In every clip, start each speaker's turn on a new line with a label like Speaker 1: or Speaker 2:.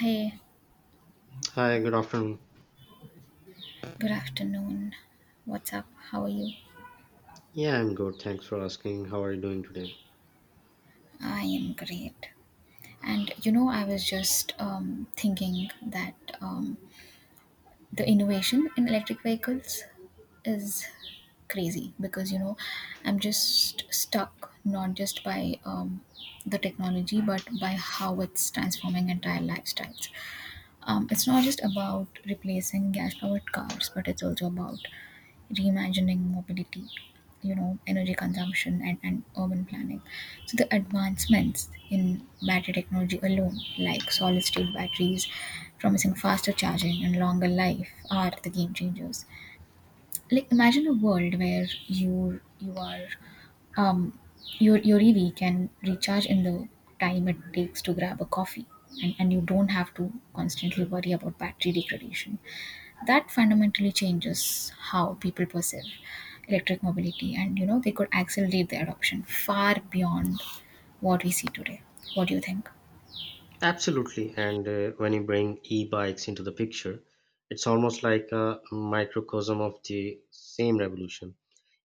Speaker 1: Hey,
Speaker 2: Hi, good afternoon.
Speaker 1: good afternoon. What's up? How are you?
Speaker 2: Yeah, I'm good. Thanks for asking. How are you doing today?
Speaker 1: I am great. And you know, I was just thinking that um, the innovation in electric vehicles is crazy because you know, I'm just stuck not just by the technology but by how it's transforming entire lifestyles. It's not just about replacing gas powered cars, but it's also about reimagining mobility, you know, energy consumption and urban planning. So the advancements in battery technology alone, like solid state batteries, promising faster charging and longer life, are the game changers. Like imagine a world where you are um your EV can recharge in the time it takes to grab a coffee, and you don't have to constantly worry about battery degradation. That fundamentally changes how people perceive electric mobility, and you know they could accelerate the adoption far beyond what we see today. What do you think?
Speaker 2: Absolutely. And when you bring e bikes into the picture, it's almost like a microcosm of the same revolution.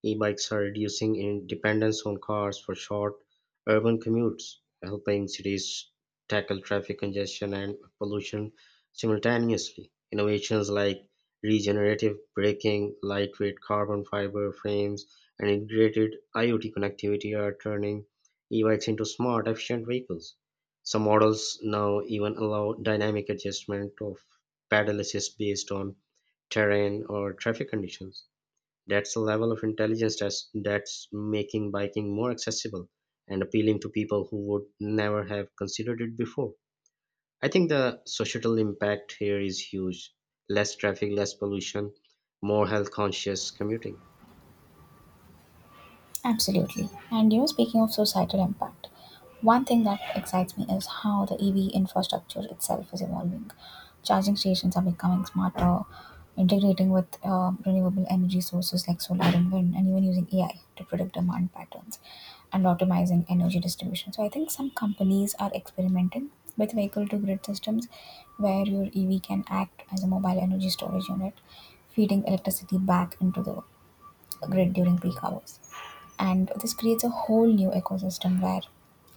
Speaker 2: E bikes are reducing in dependence on cars for short urban commutes, helping cities tackle traffic congestion and pollution simultaneously. Innovations like regenerative braking, lightweight carbon fiber frames, and integrated IoT connectivity are turning e bikes into smart, efficient vehicles. Some models now even allow dynamic adjustment of pedal assist based on terrain or traffic conditions. That's a level of intelligence that's making biking more accessible and appealing to people who would never have considered it before. I think the societal impact here is huge. Less traffic, less pollution, more health conscious commuting.
Speaker 1: Absolutely. And you know, speaking of societal impact, one thing that excites me is how the EV infrastructure itself is evolving. Charging stations are becoming smarter, integrating with renewable energy sources like solar and wind, and even using AI to predict demand patterns and optimizing energy distribution. So I think some companies are experimenting with vehicle to grid systems where your EV can act as a mobile energy storage unit, feeding electricity back into the grid during peak hours. And this creates a whole new ecosystem where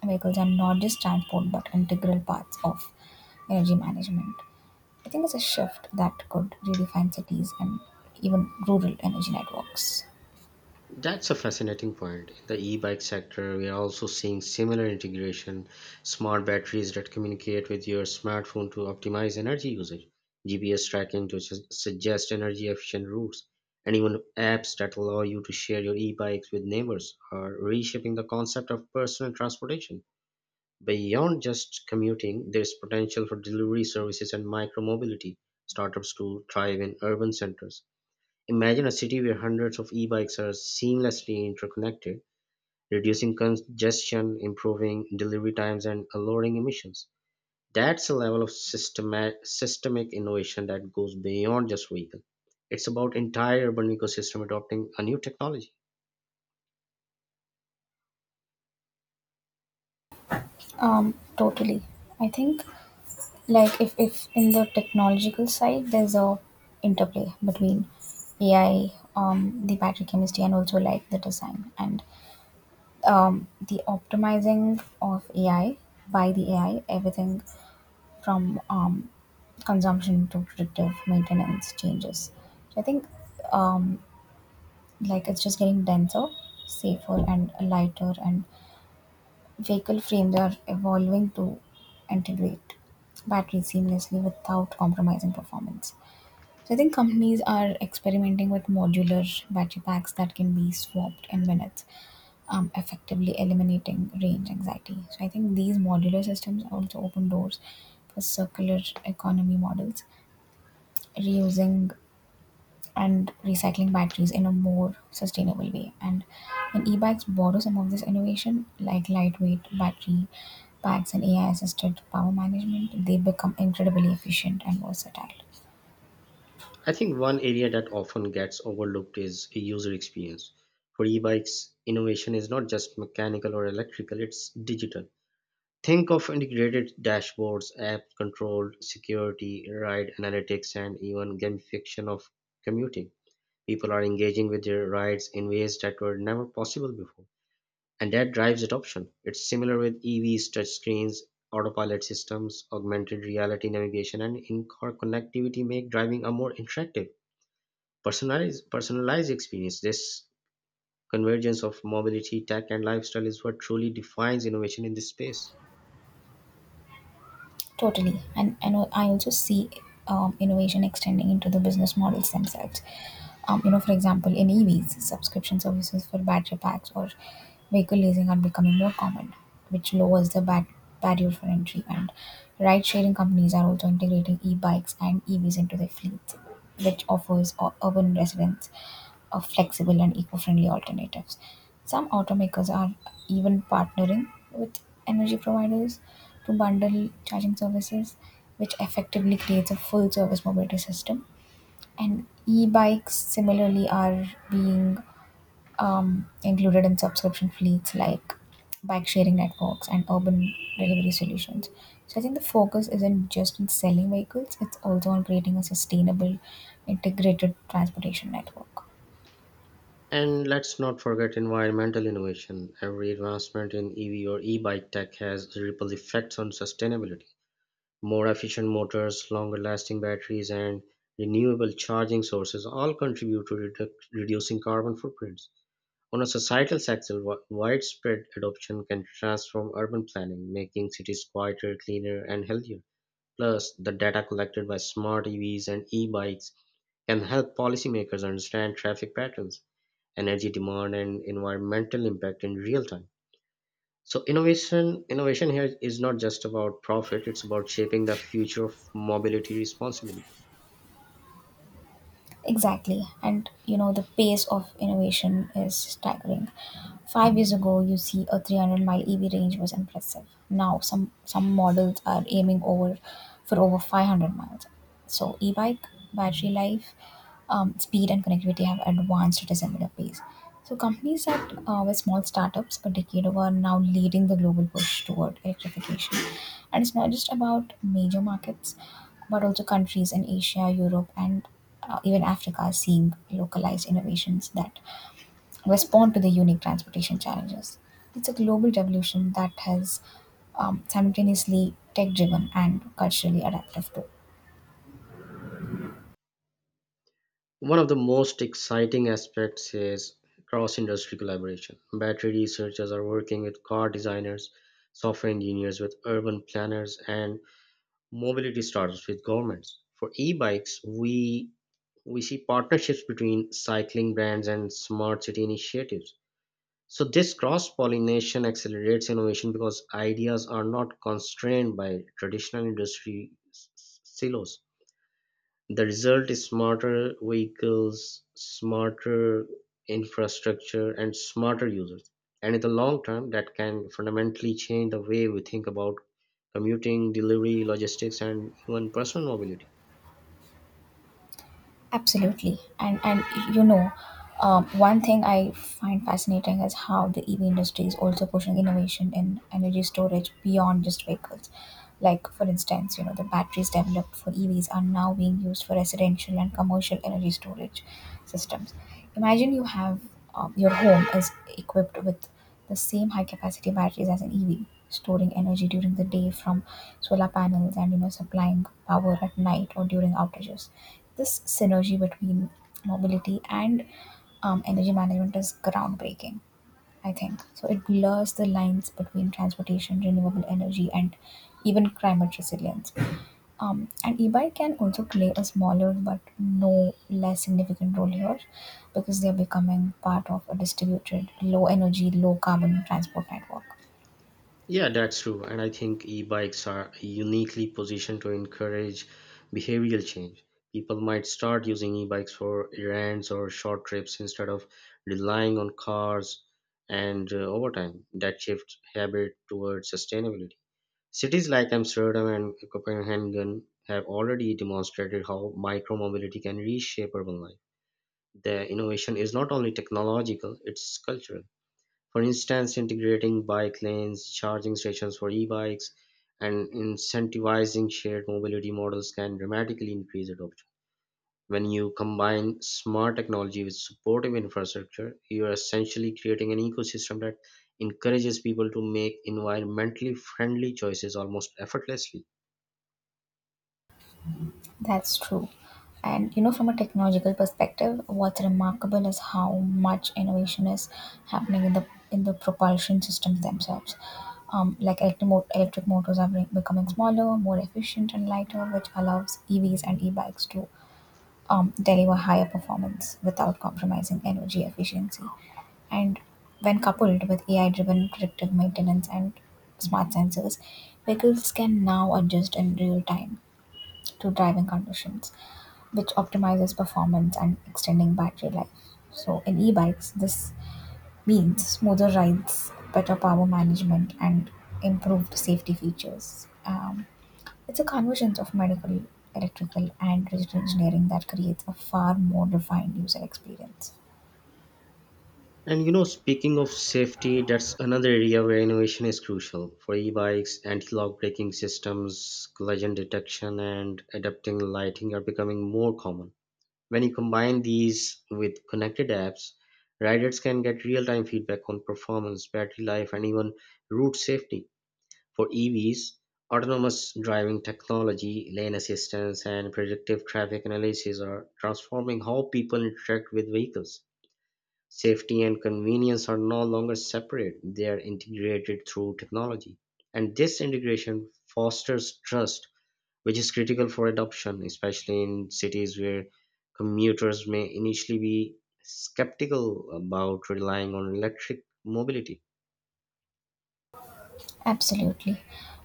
Speaker 1: vehicles are not just transport but integral parts of energy management. I think it's a shift that could redefine cities and even rural energy networks.
Speaker 2: That's a fascinating point. In the e-bike sector, we are also seeing similar integration, smart batteries that communicate with your smartphone to optimize energy usage, GPS tracking to suggest energy efficient routes, and even apps that allow you to share your e-bikes with neighbors are reshaping the concept of personal transportation. Beyond just commuting, there's potential for delivery services and micromobility startups to thrive in urban centers. Imagine a city where hundreds of e-bikes are seamlessly interconnected, reducing congestion, improving delivery times, and lowering emissions. That's a level of systemic innovation that goes beyond just vehicle. It's about entire urban ecosystem adopting a new technology.
Speaker 1: Totally. I think like if in the technological side there's a interplay between AI, the battery chemistry and also like the design and the optimizing of AI by the AI, everything from consumption to predictive maintenance changes. So I think um, like it's just getting denser, safer, and lighter, and vehicle frames are evolving to integrate batteries seamlessly without compromising performance. So I think companies are experimenting with modular battery packs that can be swapped in minutes, effectively eliminating range anxiety. So I think these modular systems also open doors for circular economy models reusing and recycling batteries in a more sustainable way. And e-bikes borrow some of this innovation, like lightweight battery packs and AI-assisted power management. They become incredibly efficient and versatile.
Speaker 2: I think one area that often gets overlooked is user experience. For e-bikes, innovation is not just mechanical or electrical, it's digital. Think of integrated dashboards, app control, security, ride analytics, and even gamification of commuting. People are engaging with their rides in ways that were never possible before, and that drives adoption. It's similar with EVs, touchscreens, autopilot systems, augmented reality navigation, and in-car connectivity make driving a more interactive, personalized experience. This convergence of mobility, tech, and lifestyle is what truly defines innovation in this space.
Speaker 1: Totally. And I also see innovation extending into the business models themselves. You know, for example, in EVs, subscription services for battery packs or vehicle leasing are becoming more common, which lowers the barrier for entry. And ride sharing companies are also integrating e bikes and EVs into their fleets, which offers urban residents a flexible and eco friendly alternatives. Some automakers are even partnering with energy providers to bundle charging services, which effectively creates a full service mobility system. And e bikes similarly are being included in subscription fleets like bike sharing networks and urban delivery solutions. So I think the focus isn't just in selling vehicles, it's also on creating a sustainable, integrated transportation network.
Speaker 2: And let's not forget environmental innovation. Every advancement in EV or e-bike tech has ripple effects on sustainability. More efficient motors, longer lasting batteries, and renewable charging sources all contribute to reducing carbon footprints. On a societal sector, widespread adoption can transform urban planning, making cities quieter, cleaner, and healthier. Plus, the data collected by smart EVs and e-bikes can help policymakers understand traffic patterns, energy demand and environmental impact in real time. So innovation here is not just about profit, it's about shaping the future of mobility responsibly.
Speaker 1: Exactly. And you know, the pace of innovation is staggering. 5 years ago, you see a 300-mile EV range was impressive. Now, some models are aiming for roads. So, like battery um, base. So, that with startup now leading the global world electrification. And it's not just about major markets, but also country Europe and even Africa are seeing localized innovations that respond to the unique transportation challenges. It's a revolution that has simultaneously tech driven and culturally adaptive too.
Speaker 2: One of the most exciting aspects is cross industry collaboration. Battery researchers are working with car designers, software engineers with urban planners, and mobility startups with governments. For e-bikes, we see partnerships between cycling brands and smart city initiatives. So this cross-pollination accelerates innovation because ideas are not constrained by traditional industry silos. The result is smarter vehicles, smarter infrastructure, and smarter users. And in the long term, that can fundamentally change the way we think about commuting, delivery, logistics, and even personal mobility.
Speaker 1: Absolutely. And you know, one thing I find fascinating is how the EV industry is also pushing innovation in energy storage beyond just vehicles. Like for instance, you know, the batteries developed for EVs are now being used for residential and commercial energy storage systems. Imagine you have your home is equipped with the same high capacity batteries as an EV, storing energy during the day from solar panels, and you know supplying power at night or during outages. This synergy between mobility and energy management is groundbreaking, I think. So it blurs the lines between transportation, renewable energy, and even climate resilience. And e-bike can also play a smaller but no less significant role here because they are becoming part of a distributed, low energy, low carbon transport network.
Speaker 2: Yeah, that's true. And I think e-bikes are uniquely positioned to encourage behavioral change. People might start using e-bikes for errands or short trips instead of relying on cars. And over time, that shifts habit towards sustainability. Cities like Amsterdam and Copenhagen have already demonstrated how micromobility can reshape urban life. The innovation is not only technological, it's cultural. For instance, integrating bike lanes, charging stations for e-bikes, and incentivizing shared mobility models can dramatically increase adoption. When you combine smart technology with supportive infrastructure, you are essentially creating an ecosystem that encourages people to make environmentally friendly choices almost effortlessly.
Speaker 1: That's true. And you know, from a technological perspective, what's remarkable is how much innovation is happening in the propulsion systems themselves. Like electric motors are becoming smaller, more efficient, and lighter, which allows EVs and e-bikes to deliver higher performance without compromising energy efficiency. And when coupled with AI driven predictive maintenance and smart sensors, vehicles can now adjust in real time to driving conditions, which optimizes performance and extending battery life. So in e-bikes, this means smoother rides, better power management, and improved safety features. It's a convergence of medical, electrical, and digital engineering that creates a far more refined user experience.
Speaker 2: And you know, speaking of safety, that's another area where innovation is crucial. For e-bikes, anti-lock braking systems, collision detection, and adapting lighting are becoming more common. When you combine these with connected apps, riders can get real-time feedback on performance, battery life, and even route safety. For EVs, autonomous driving technology, lane assistance, and predictive traffic analysis are transforming how people interact with vehicles. Safety and convenience are no longer separate, they are integrated through technology. And this integration fosters trust, which is critical for adoption, especially in cities where commuters may initially be skeptical about relying on electric mobility.
Speaker 1: Absolutely.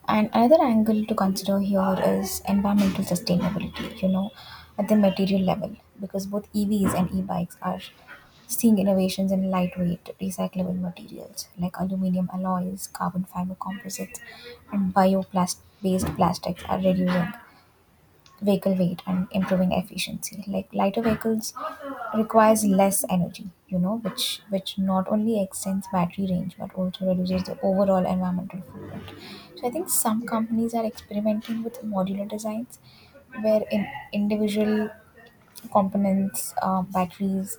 Speaker 1: And another angle to consider here is environmental sustainability, you know, at the material level, because both EVs and e bikes are seeing innovations in lightweight, recyclable materials like aluminum alloys, carbon fiber composites, and bioplast based plastics are reducing vehicle weight and improving efficiency. Like lighter vehicles requires less energy, you know, which not only extends battery range but also reduces the overall environmental footprint. So I think some companies are experimenting with modular designs where in individual components, batteries,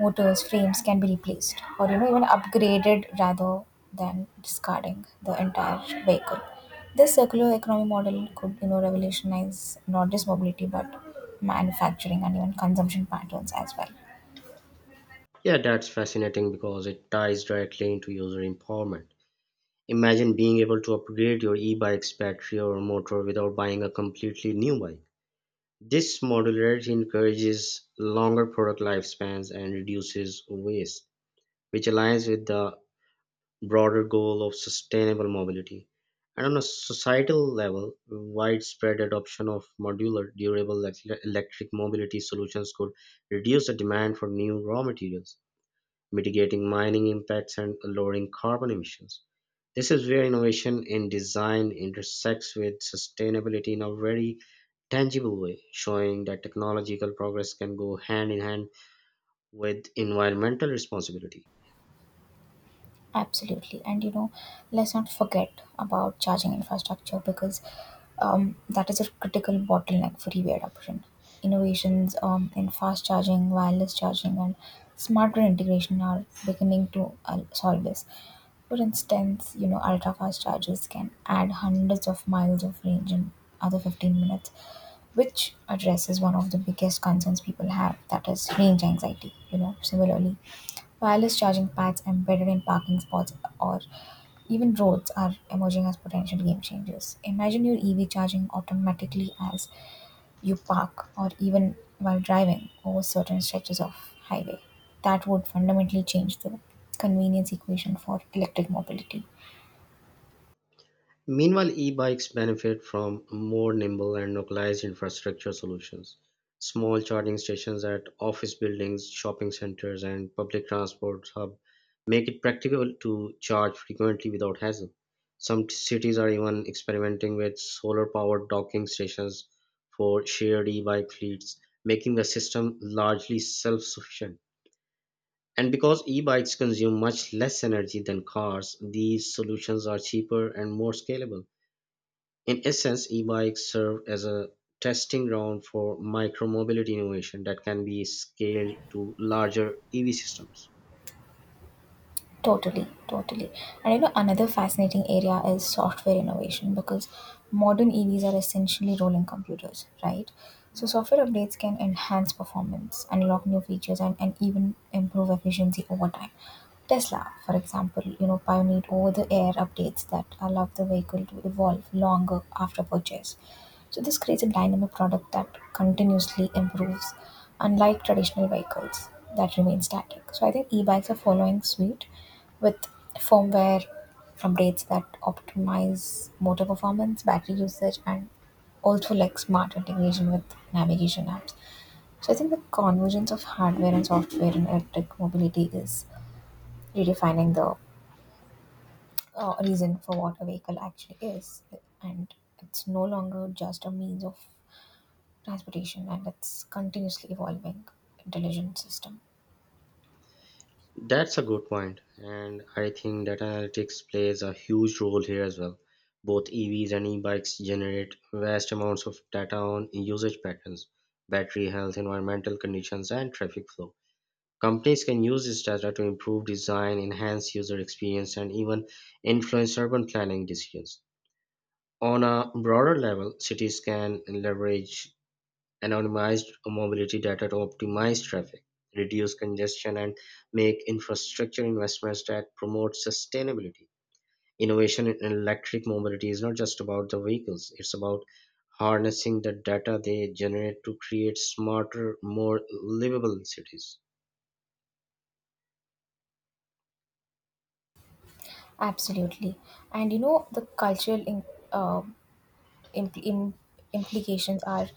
Speaker 1: motors, frames can be replaced or you know even upgraded rather than discarding the entire vehicle. This circular economy model could you know revolutionize not just mobility but manufacturing and even consumption patterns as well.
Speaker 2: Yeah, that's fascinating because it ties directly into user empowerment. Imagine being able to upgrade your e bike's battery or motor without buying a completely new bike. This modularity encourages longer product lifespans and reduces waste, which aligns with the broader goal of sustainable mobility. And on a societal level, widespread adoption of modular, durable electric mobility solutions could reduce the demand for new raw materials, mitigating mining impacts and lowering carbon emissions. This is where innovation in design intersects with sustainability in a very tangible way, showing that technological progress can go hand in hand with environmental responsibility.
Speaker 1: Absolutely. And you know, let's not forget about charging infrastructure because that is a critical bottleneck for EV adoption. Innovations in fast charging, wireless charging, and smarter integration are beginning to solve this. For instance, you know, ultra fast chargers can add hundreds of miles of range in other 15 minutes, which addresses one of the biggest concerns people have, that is range anxiety. You know, similarly, wireless charging pads embedded in parking spots or even roads are emerging as potential game changers. Imagine your EV charging automatically as you park or even while driving over certain stretches of highway. That would fundamentally change the convenience equation for electric mobility.
Speaker 2: Meanwhile, e bikes benefit from more nimble and localized infrastructure solutions. Small charging stations at office buildings, shopping centers, and public transport hub make it practical to charge frequently without hassle. Some cities are even experimenting with solar powered docking stations for shared e bike fleets, making the system largely self sufficient. And because e-bikes consume much less energy than cars, these solutions are cheaper and more scalable. In essence, e-bikes serve as a testing ground for micromobility innovation that can be scaled to larger EV systems.
Speaker 1: Totally. And you know, another fascinating area is software innovation because modern EVs are essentially rolling computers, right? So, software updates can enhance performance, unlock new features, and even improve efficiency over time. Tesla, for example, you know, pioneered over-the-air updates that allow the vehicle to evolve longer after purchase. So this creates a dynamic product that continuously improves, unlike traditional vehicles that remain static. So I think e-bikes are following suit, with firmware updates that optimize motor performance, battery usage, and also like smart integration with navigation apps. So I think the convergence of hardware and software in electric mobility is redefining the reason for what a vehicle actually is, and it's no longer just a means of transportation, and it's continuously evolving intelligent system.
Speaker 2: That's a good point, and I think data analytics plays a huge role here as well. Both EVs and e-bikes generate vast amounts of data on usage patterns, battery health, environmental conditions, and traffic flow. Companies can use this data to improve design, enhance user experience, and even influence urban planning decisions. On a broader level, cities can leverage anonymized mobility data to optimize traffic, reduce congestion, and make infrastructure investments that promote sustainability. Innovation in electric mobility is not just about the vehicles, it's about harnessing the data they generate to create smarter, more livable cities.
Speaker 1: Absolutely, and you know the cultural in, uh, impl- im- implications are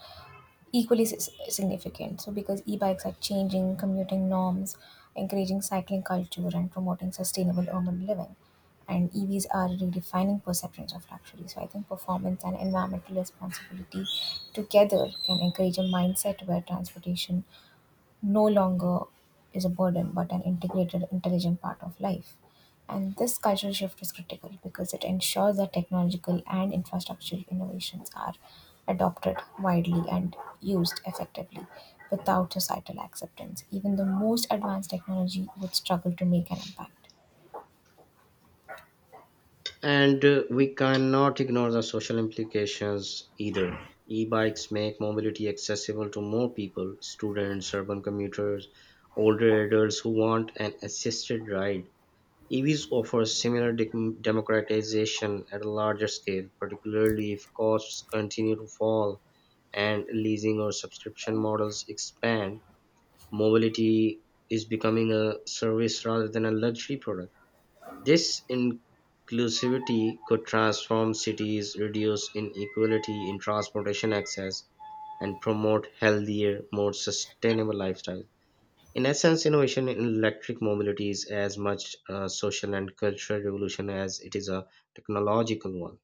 Speaker 1: equally significant. So, because e bikes are changing commuting norms, encouraging cycling culture, and promoting sustainable urban living. And EVs are redefining perceptions of luxury. So, I think performance and environmental responsibility together can encourage a mindset where transportation no longer is a burden but an integrated, intelligent part of life. And this cultural shift is critical because it ensures that technological and infrastructural innovations are adopted widely and used effectively without societal acceptance. Even the most advanced technology would struggle to make an impact.
Speaker 2: And we cannot ignore the social implications either. E bikes make mobility accessible to more people, students, urban commuters, older adults who want an assisted ride. EVs offer similar dec democratization at a larger scale, particularly if costs continue to fall and leasing or subscription models expand. Mobility is becoming a service rather than a luxury product. This inclusivity could transform cities, reduce inequality in transportation access, and promote healthier, more sustainable lifestyles. In essence, innovation in electric mobility is as much a social and cultural revolution as it is a technological one.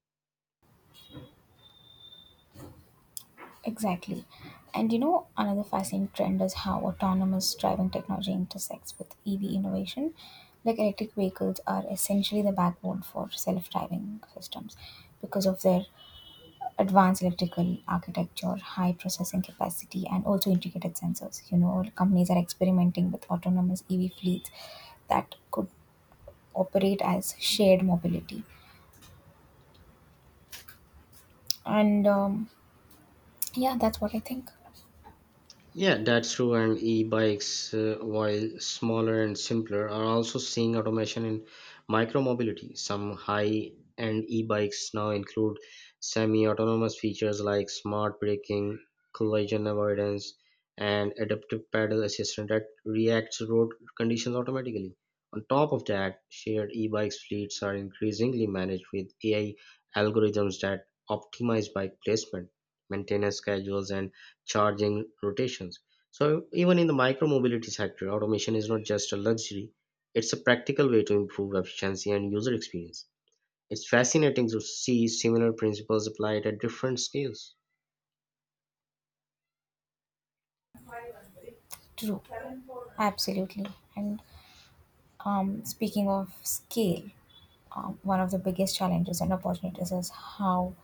Speaker 1: Exactly. And you know, another fascinating trend is how autonomous driving technology intersects with EV innovation. Like electric vehicles are essentially the backbone for self driving systems because of their advanced electrical architecture, high processing capacity, and also integrated sensors. You know, companies are experimenting with autonomous EV fleets that could operate as shared mobility. And yeah, that's what I think.
Speaker 2: Yeah, that's true. And e-bikes, while smaller and simpler, are also seeing automation in micromobility. Some high-end e-bikes now include semi-autonomous features like smart braking, collision avoidance, and adaptive pedal assistance that reacts to road conditions automatically. On top of that, shared e-bikes fleets are increasingly managed with AI algorithms that optimize bike placement, maintenance schedules, and charging rotations. So even in the micro mobility sector, automation is not just a luxury, it's a practical way to improve efficiency and user experience. It's fascinating to see similar principles applied at different scales.
Speaker 1: True, absolutely. And speaking of scale, one of the biggest challenges and opportunities is how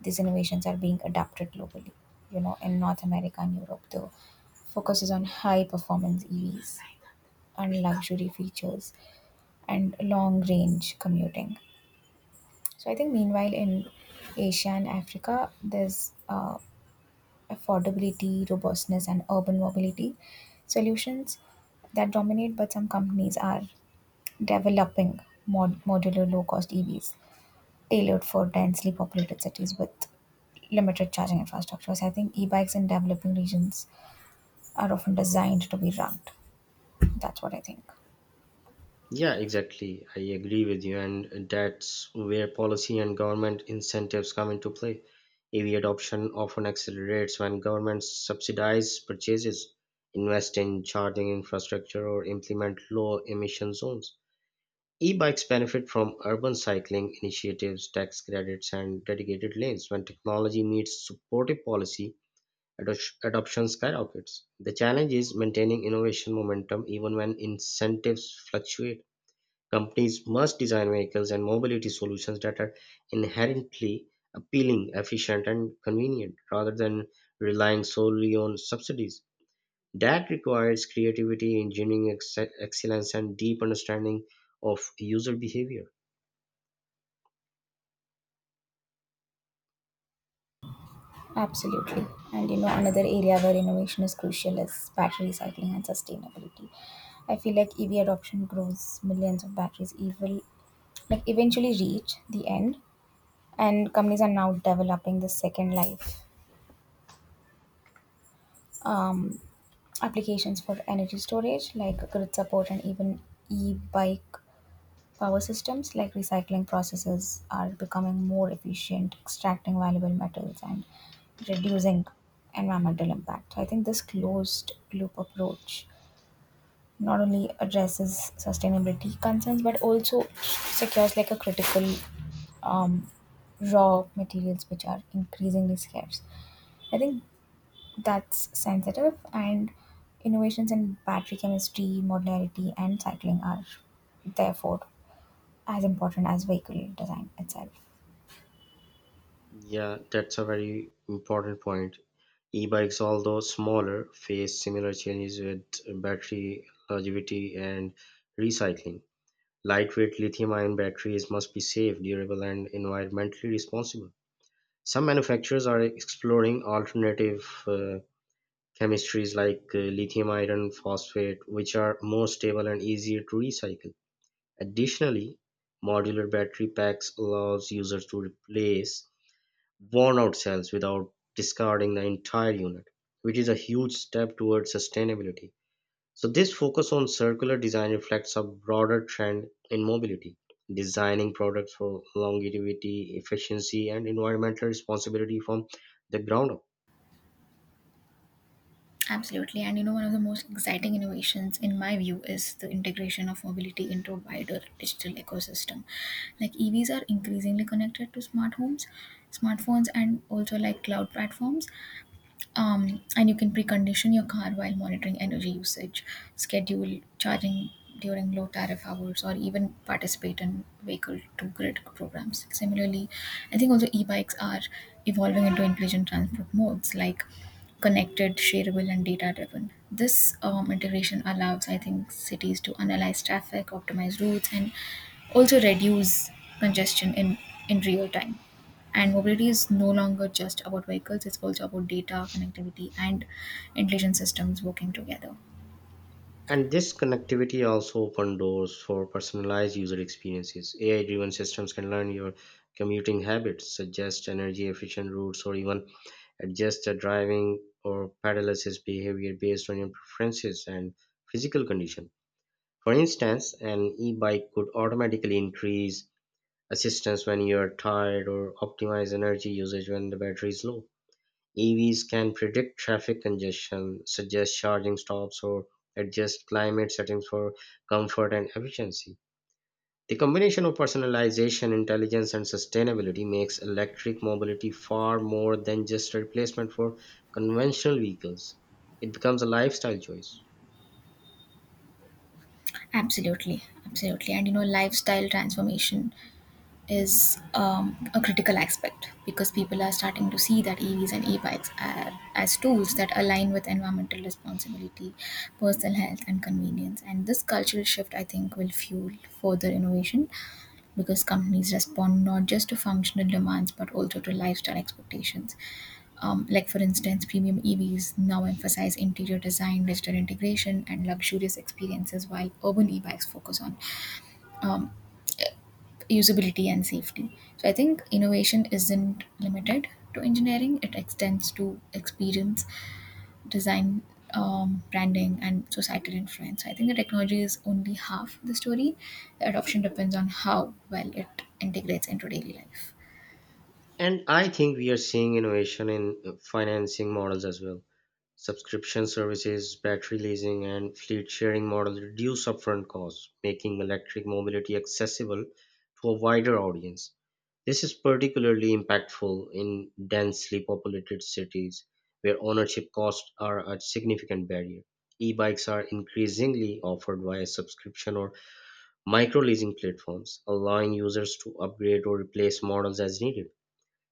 Speaker 1: these innovations are being adapted globally. You know, in North America and Europe, the focus is on high performance EVs and luxury features and long range commuting. So I think meanwhile in Asia and Africa, there's affordability, robustness, and urban mobility solutions that dominate, but some companies are developing modular low cost EVs tailored for densely populated cities with limited charging infrastructure. So I think e bikes in developing regions are often designed to be rugged. That's what I think.
Speaker 2: Yeah, exactly. I agree with you, and that's where policy and government incentives come into play. EV adoption often accelerates when governments subsidize purchases, invest in charging infrastructure, or implement low emission zones. E-bikes benefit from urban cycling initiatives, tax credits, and dedicated lanes. When technology meets supportive policy, adoption skyrockets. The challenge is maintaining innovation momentum even when incentives fluctuate. Companies must design vehicles and mobility solutions that are inherently appealing, efficient, and convenient rather than relying solely on subsidies. That requires creativity, engineering excellence, and deep understanding of user behavior.
Speaker 1: Absolutely. And you know, another area where innovation is crucial is battery recycling and sustainability. I feel like EV adoption grows, millions of batteries evil, like eventually reach the end, and companies are now developing the second life um, applications for energy storage, like grid support and even e-bike power systems. Like recycling processes are becoming more efficient, extracting valuable metals and reducing environmental impact. I think this closed loop approach not only addresses sustainability concerns but also secures like a critical um, raw materials which are increasingly scarce. I think that's sensitive and innovations in battery chemistry, modularity and cycling are therefore as important as vehicle design itself.
Speaker 2: Yeah, that's a very important point. E-bikes, although smaller, face similar challenges with battery longevity and recycling. Lightweight lithium-ion batteries must be safe, durable, and environmentally responsible. Some manufacturers are exploring alternative chemistries like lithium iron phosphate, which are more stable and easier to recycle. Additionally, modular battery packs allows users to replace worn-out cells without discarding the entire unit, which is a huge step towards sustainability. So, this focus on circular design reflects a broader trend in mobility, designing products for longevity, efficiency, and environmental responsibility from the ground up.
Speaker 1: Absolutely. And you know, one of the most exciting innovations, in my view, is the integration of mobility into a wider digital ecosystem. Like EVs are increasingly connected to smart homes, smartphones, and also like cloud platforms. And you can precondition your car while monitoring energy usage, schedule charging during low tariff hours, or even participate in vehicle to grid programs. Similarly, I think also e bikes are evolving into intelligent transport modes, like connected, shareable, and data driven. This integration allows, I think, cities to analyze traffic, optimize routes, and also reduce congestion in real time. And mobility is no longer just about vehicles, it's also about data, connectivity, and intelligent systems working together.
Speaker 2: And this connectivity also opens doors for personalized user experiences. AI driven systems can learn your commuting habits, suggest energy efficient routes, or even adjust a driving or pedaler's behavior based on your preferences and physical condition. For instance, an e bike could automatically increase assistance when you're tired or optimize energy usage when the battery is low. EVs can predict traffic congestion, suggest charging stops, or adjust climate settings for comfort and efficiency. The combination of personalization, intelligence, and sustainability makes electric mobility far more than just a replacement for conventional vehicles. It becomes a lifestyle choice.
Speaker 1: Absolutely, absolutely. And you know, lifestyle transformation is a critical aspect because people are starting to see that EVs and e-bikes are as tools that align with environmental responsibility, personal health, and convenience. And this cultural shift, I think, will fuel further innovation because companies respond not just to functional demands but also to lifestyle expectations. Like, for instance, premium EVs now emphasize interior design, digital integration, and luxurious experiences, while urban e bikes focus on um, usability and safety. So, I think innovation isn't limited to engineering, it extends to experience, design, branding, and societal influence. So I think the technology is only half the story. The adoption depends on how well it integrates into daily life.
Speaker 2: And I think we are seeing innovation in financing models as well. Subscription services, battery leasing, and fleet sharing models reduce upfront costs, making electric mobility accessible to a wider audience. This is particularly impactful in densely populated cities where ownership costs are a significant barrier. E bikes are increasingly offered via subscription or micro leasing platforms, allowing users to upgrade or replace models as needed.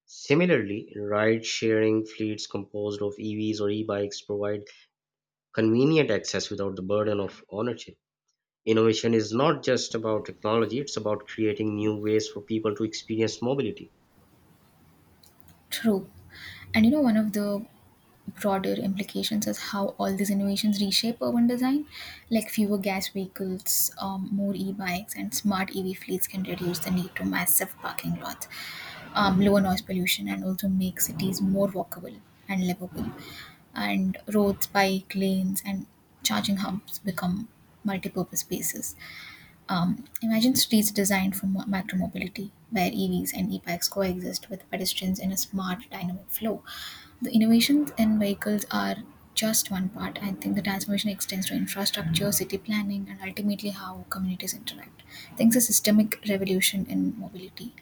Speaker 2: Similarly, ride-sharing fleets composed of EVs or e-bikes provide convenient access without the burden of ownership. Innovation is not just about technology, it's about creating new ways for people to experience mobility.
Speaker 1: True. And you know, one of the broader implications is how all these innovations reshape urban design. Like fewer gas vehicles, more e bikes, and smart EV fleets can reduce the need to massive parking lots, lower noise pollution, and also make cities more walkable and livable. And roads, bike lanes, and charging hubs become multi purpose spaces. Imagine streets designed for micromobility, where EVs and e-bikes coexist with pedestrians in a smart, dynamic flow. The innovations in vehicles are just one part. I think the transformation extends to infrastructure, city planning, and ultimately how communities interact. I think it's a systemic revolution in mobility.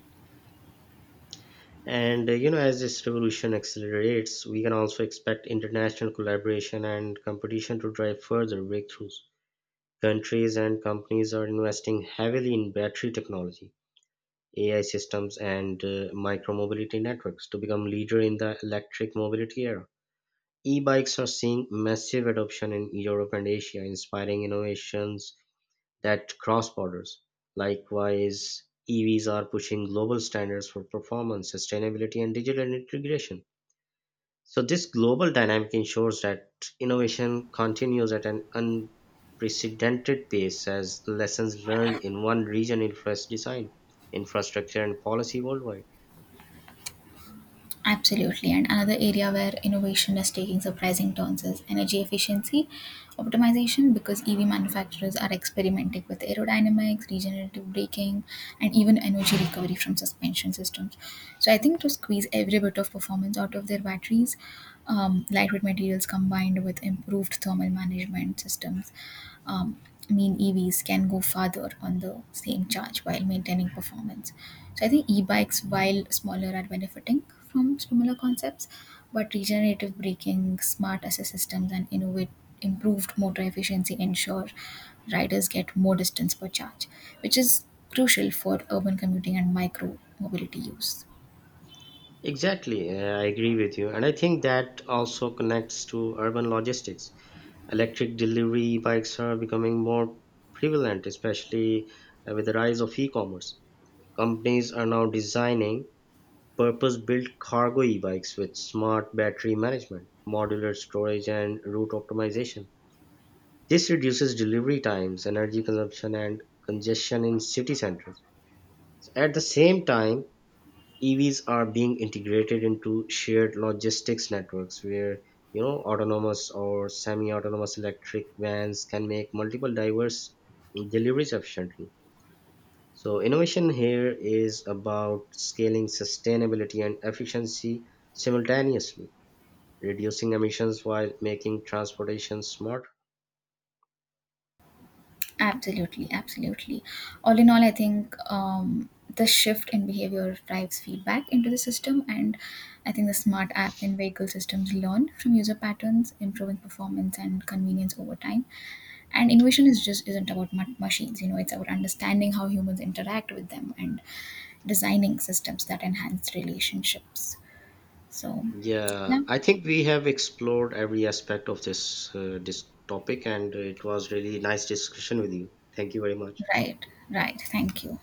Speaker 2: And you know, as this revolution accelerates, we can also expect international collaboration and competition to drive further breakthroughs. Countries and companies are investing heavily in battery technology, AI systems and micromobility networks to become leader in the electric mobility era. E-bikes are seeing massive adoption in Europe and Asia, inspiring innovations that cross borders. Likewise, EVs are pushing global standards for performance, sustainability, and digital integration. So this global dynamic ensures that innovation continues at an unprecedented pace as lessons learned in one region influence design, infrastructure, and policy worldwide.
Speaker 1: Absolutely. And another area where innovation is taking surprising turns is energy efficiency optimization, because EV manufacturers are experimenting with aerodynamics, regenerative braking, and even energy recovery from suspension systems. So I think to squeeze every bit of performance out of their batteries, lightweight materials combined with improved thermal management systems, um, EVs can go farther on the same charge while maintaining performance. So I think e-bikes, while smaller, are benefiting from similar concepts, but regenerative braking, smart assist systems, and innovate improved motor efficiency ensure riders get more distance per charge, which is crucial for urban commuting and micro mobility use.
Speaker 2: Exactly, I agree with you. And I think that also connects to urban logistics. Electric delivery bikes are becoming more prevalent, especially with the rise of e commerce. Companies are now designing purpose built cargo e bikes with smart battery management, modular storage, and route optimization. This reduces delivery times, energy consumption, and congestion in city centers. At the same time, EVs are being integrated into shared logistics networks where you know autonomous or semi-autonomous electric vans can make multiple diverse deliveries efficiently. So innovation here is about scaling sustainability and efficiency simultaneously, reducing emissions while making transportation smart.
Speaker 1: Absolutely, absolutely. All in all, I think the shift in behavior drives feedback into the system, and I think the smart apps and vehicle systems learn from user patterns, improving performance and convenience over time. And innovation is just isn't about machines, you know, it's about understanding how humans interact with them and designing systems that enhance relationships. So,
Speaker 2: Yeah,
Speaker 1: yeah,
Speaker 2: I think we have explored every aspect of this this topic, and it was really nice discussion with you. Thank you very much.
Speaker 1: right, right. Thank you.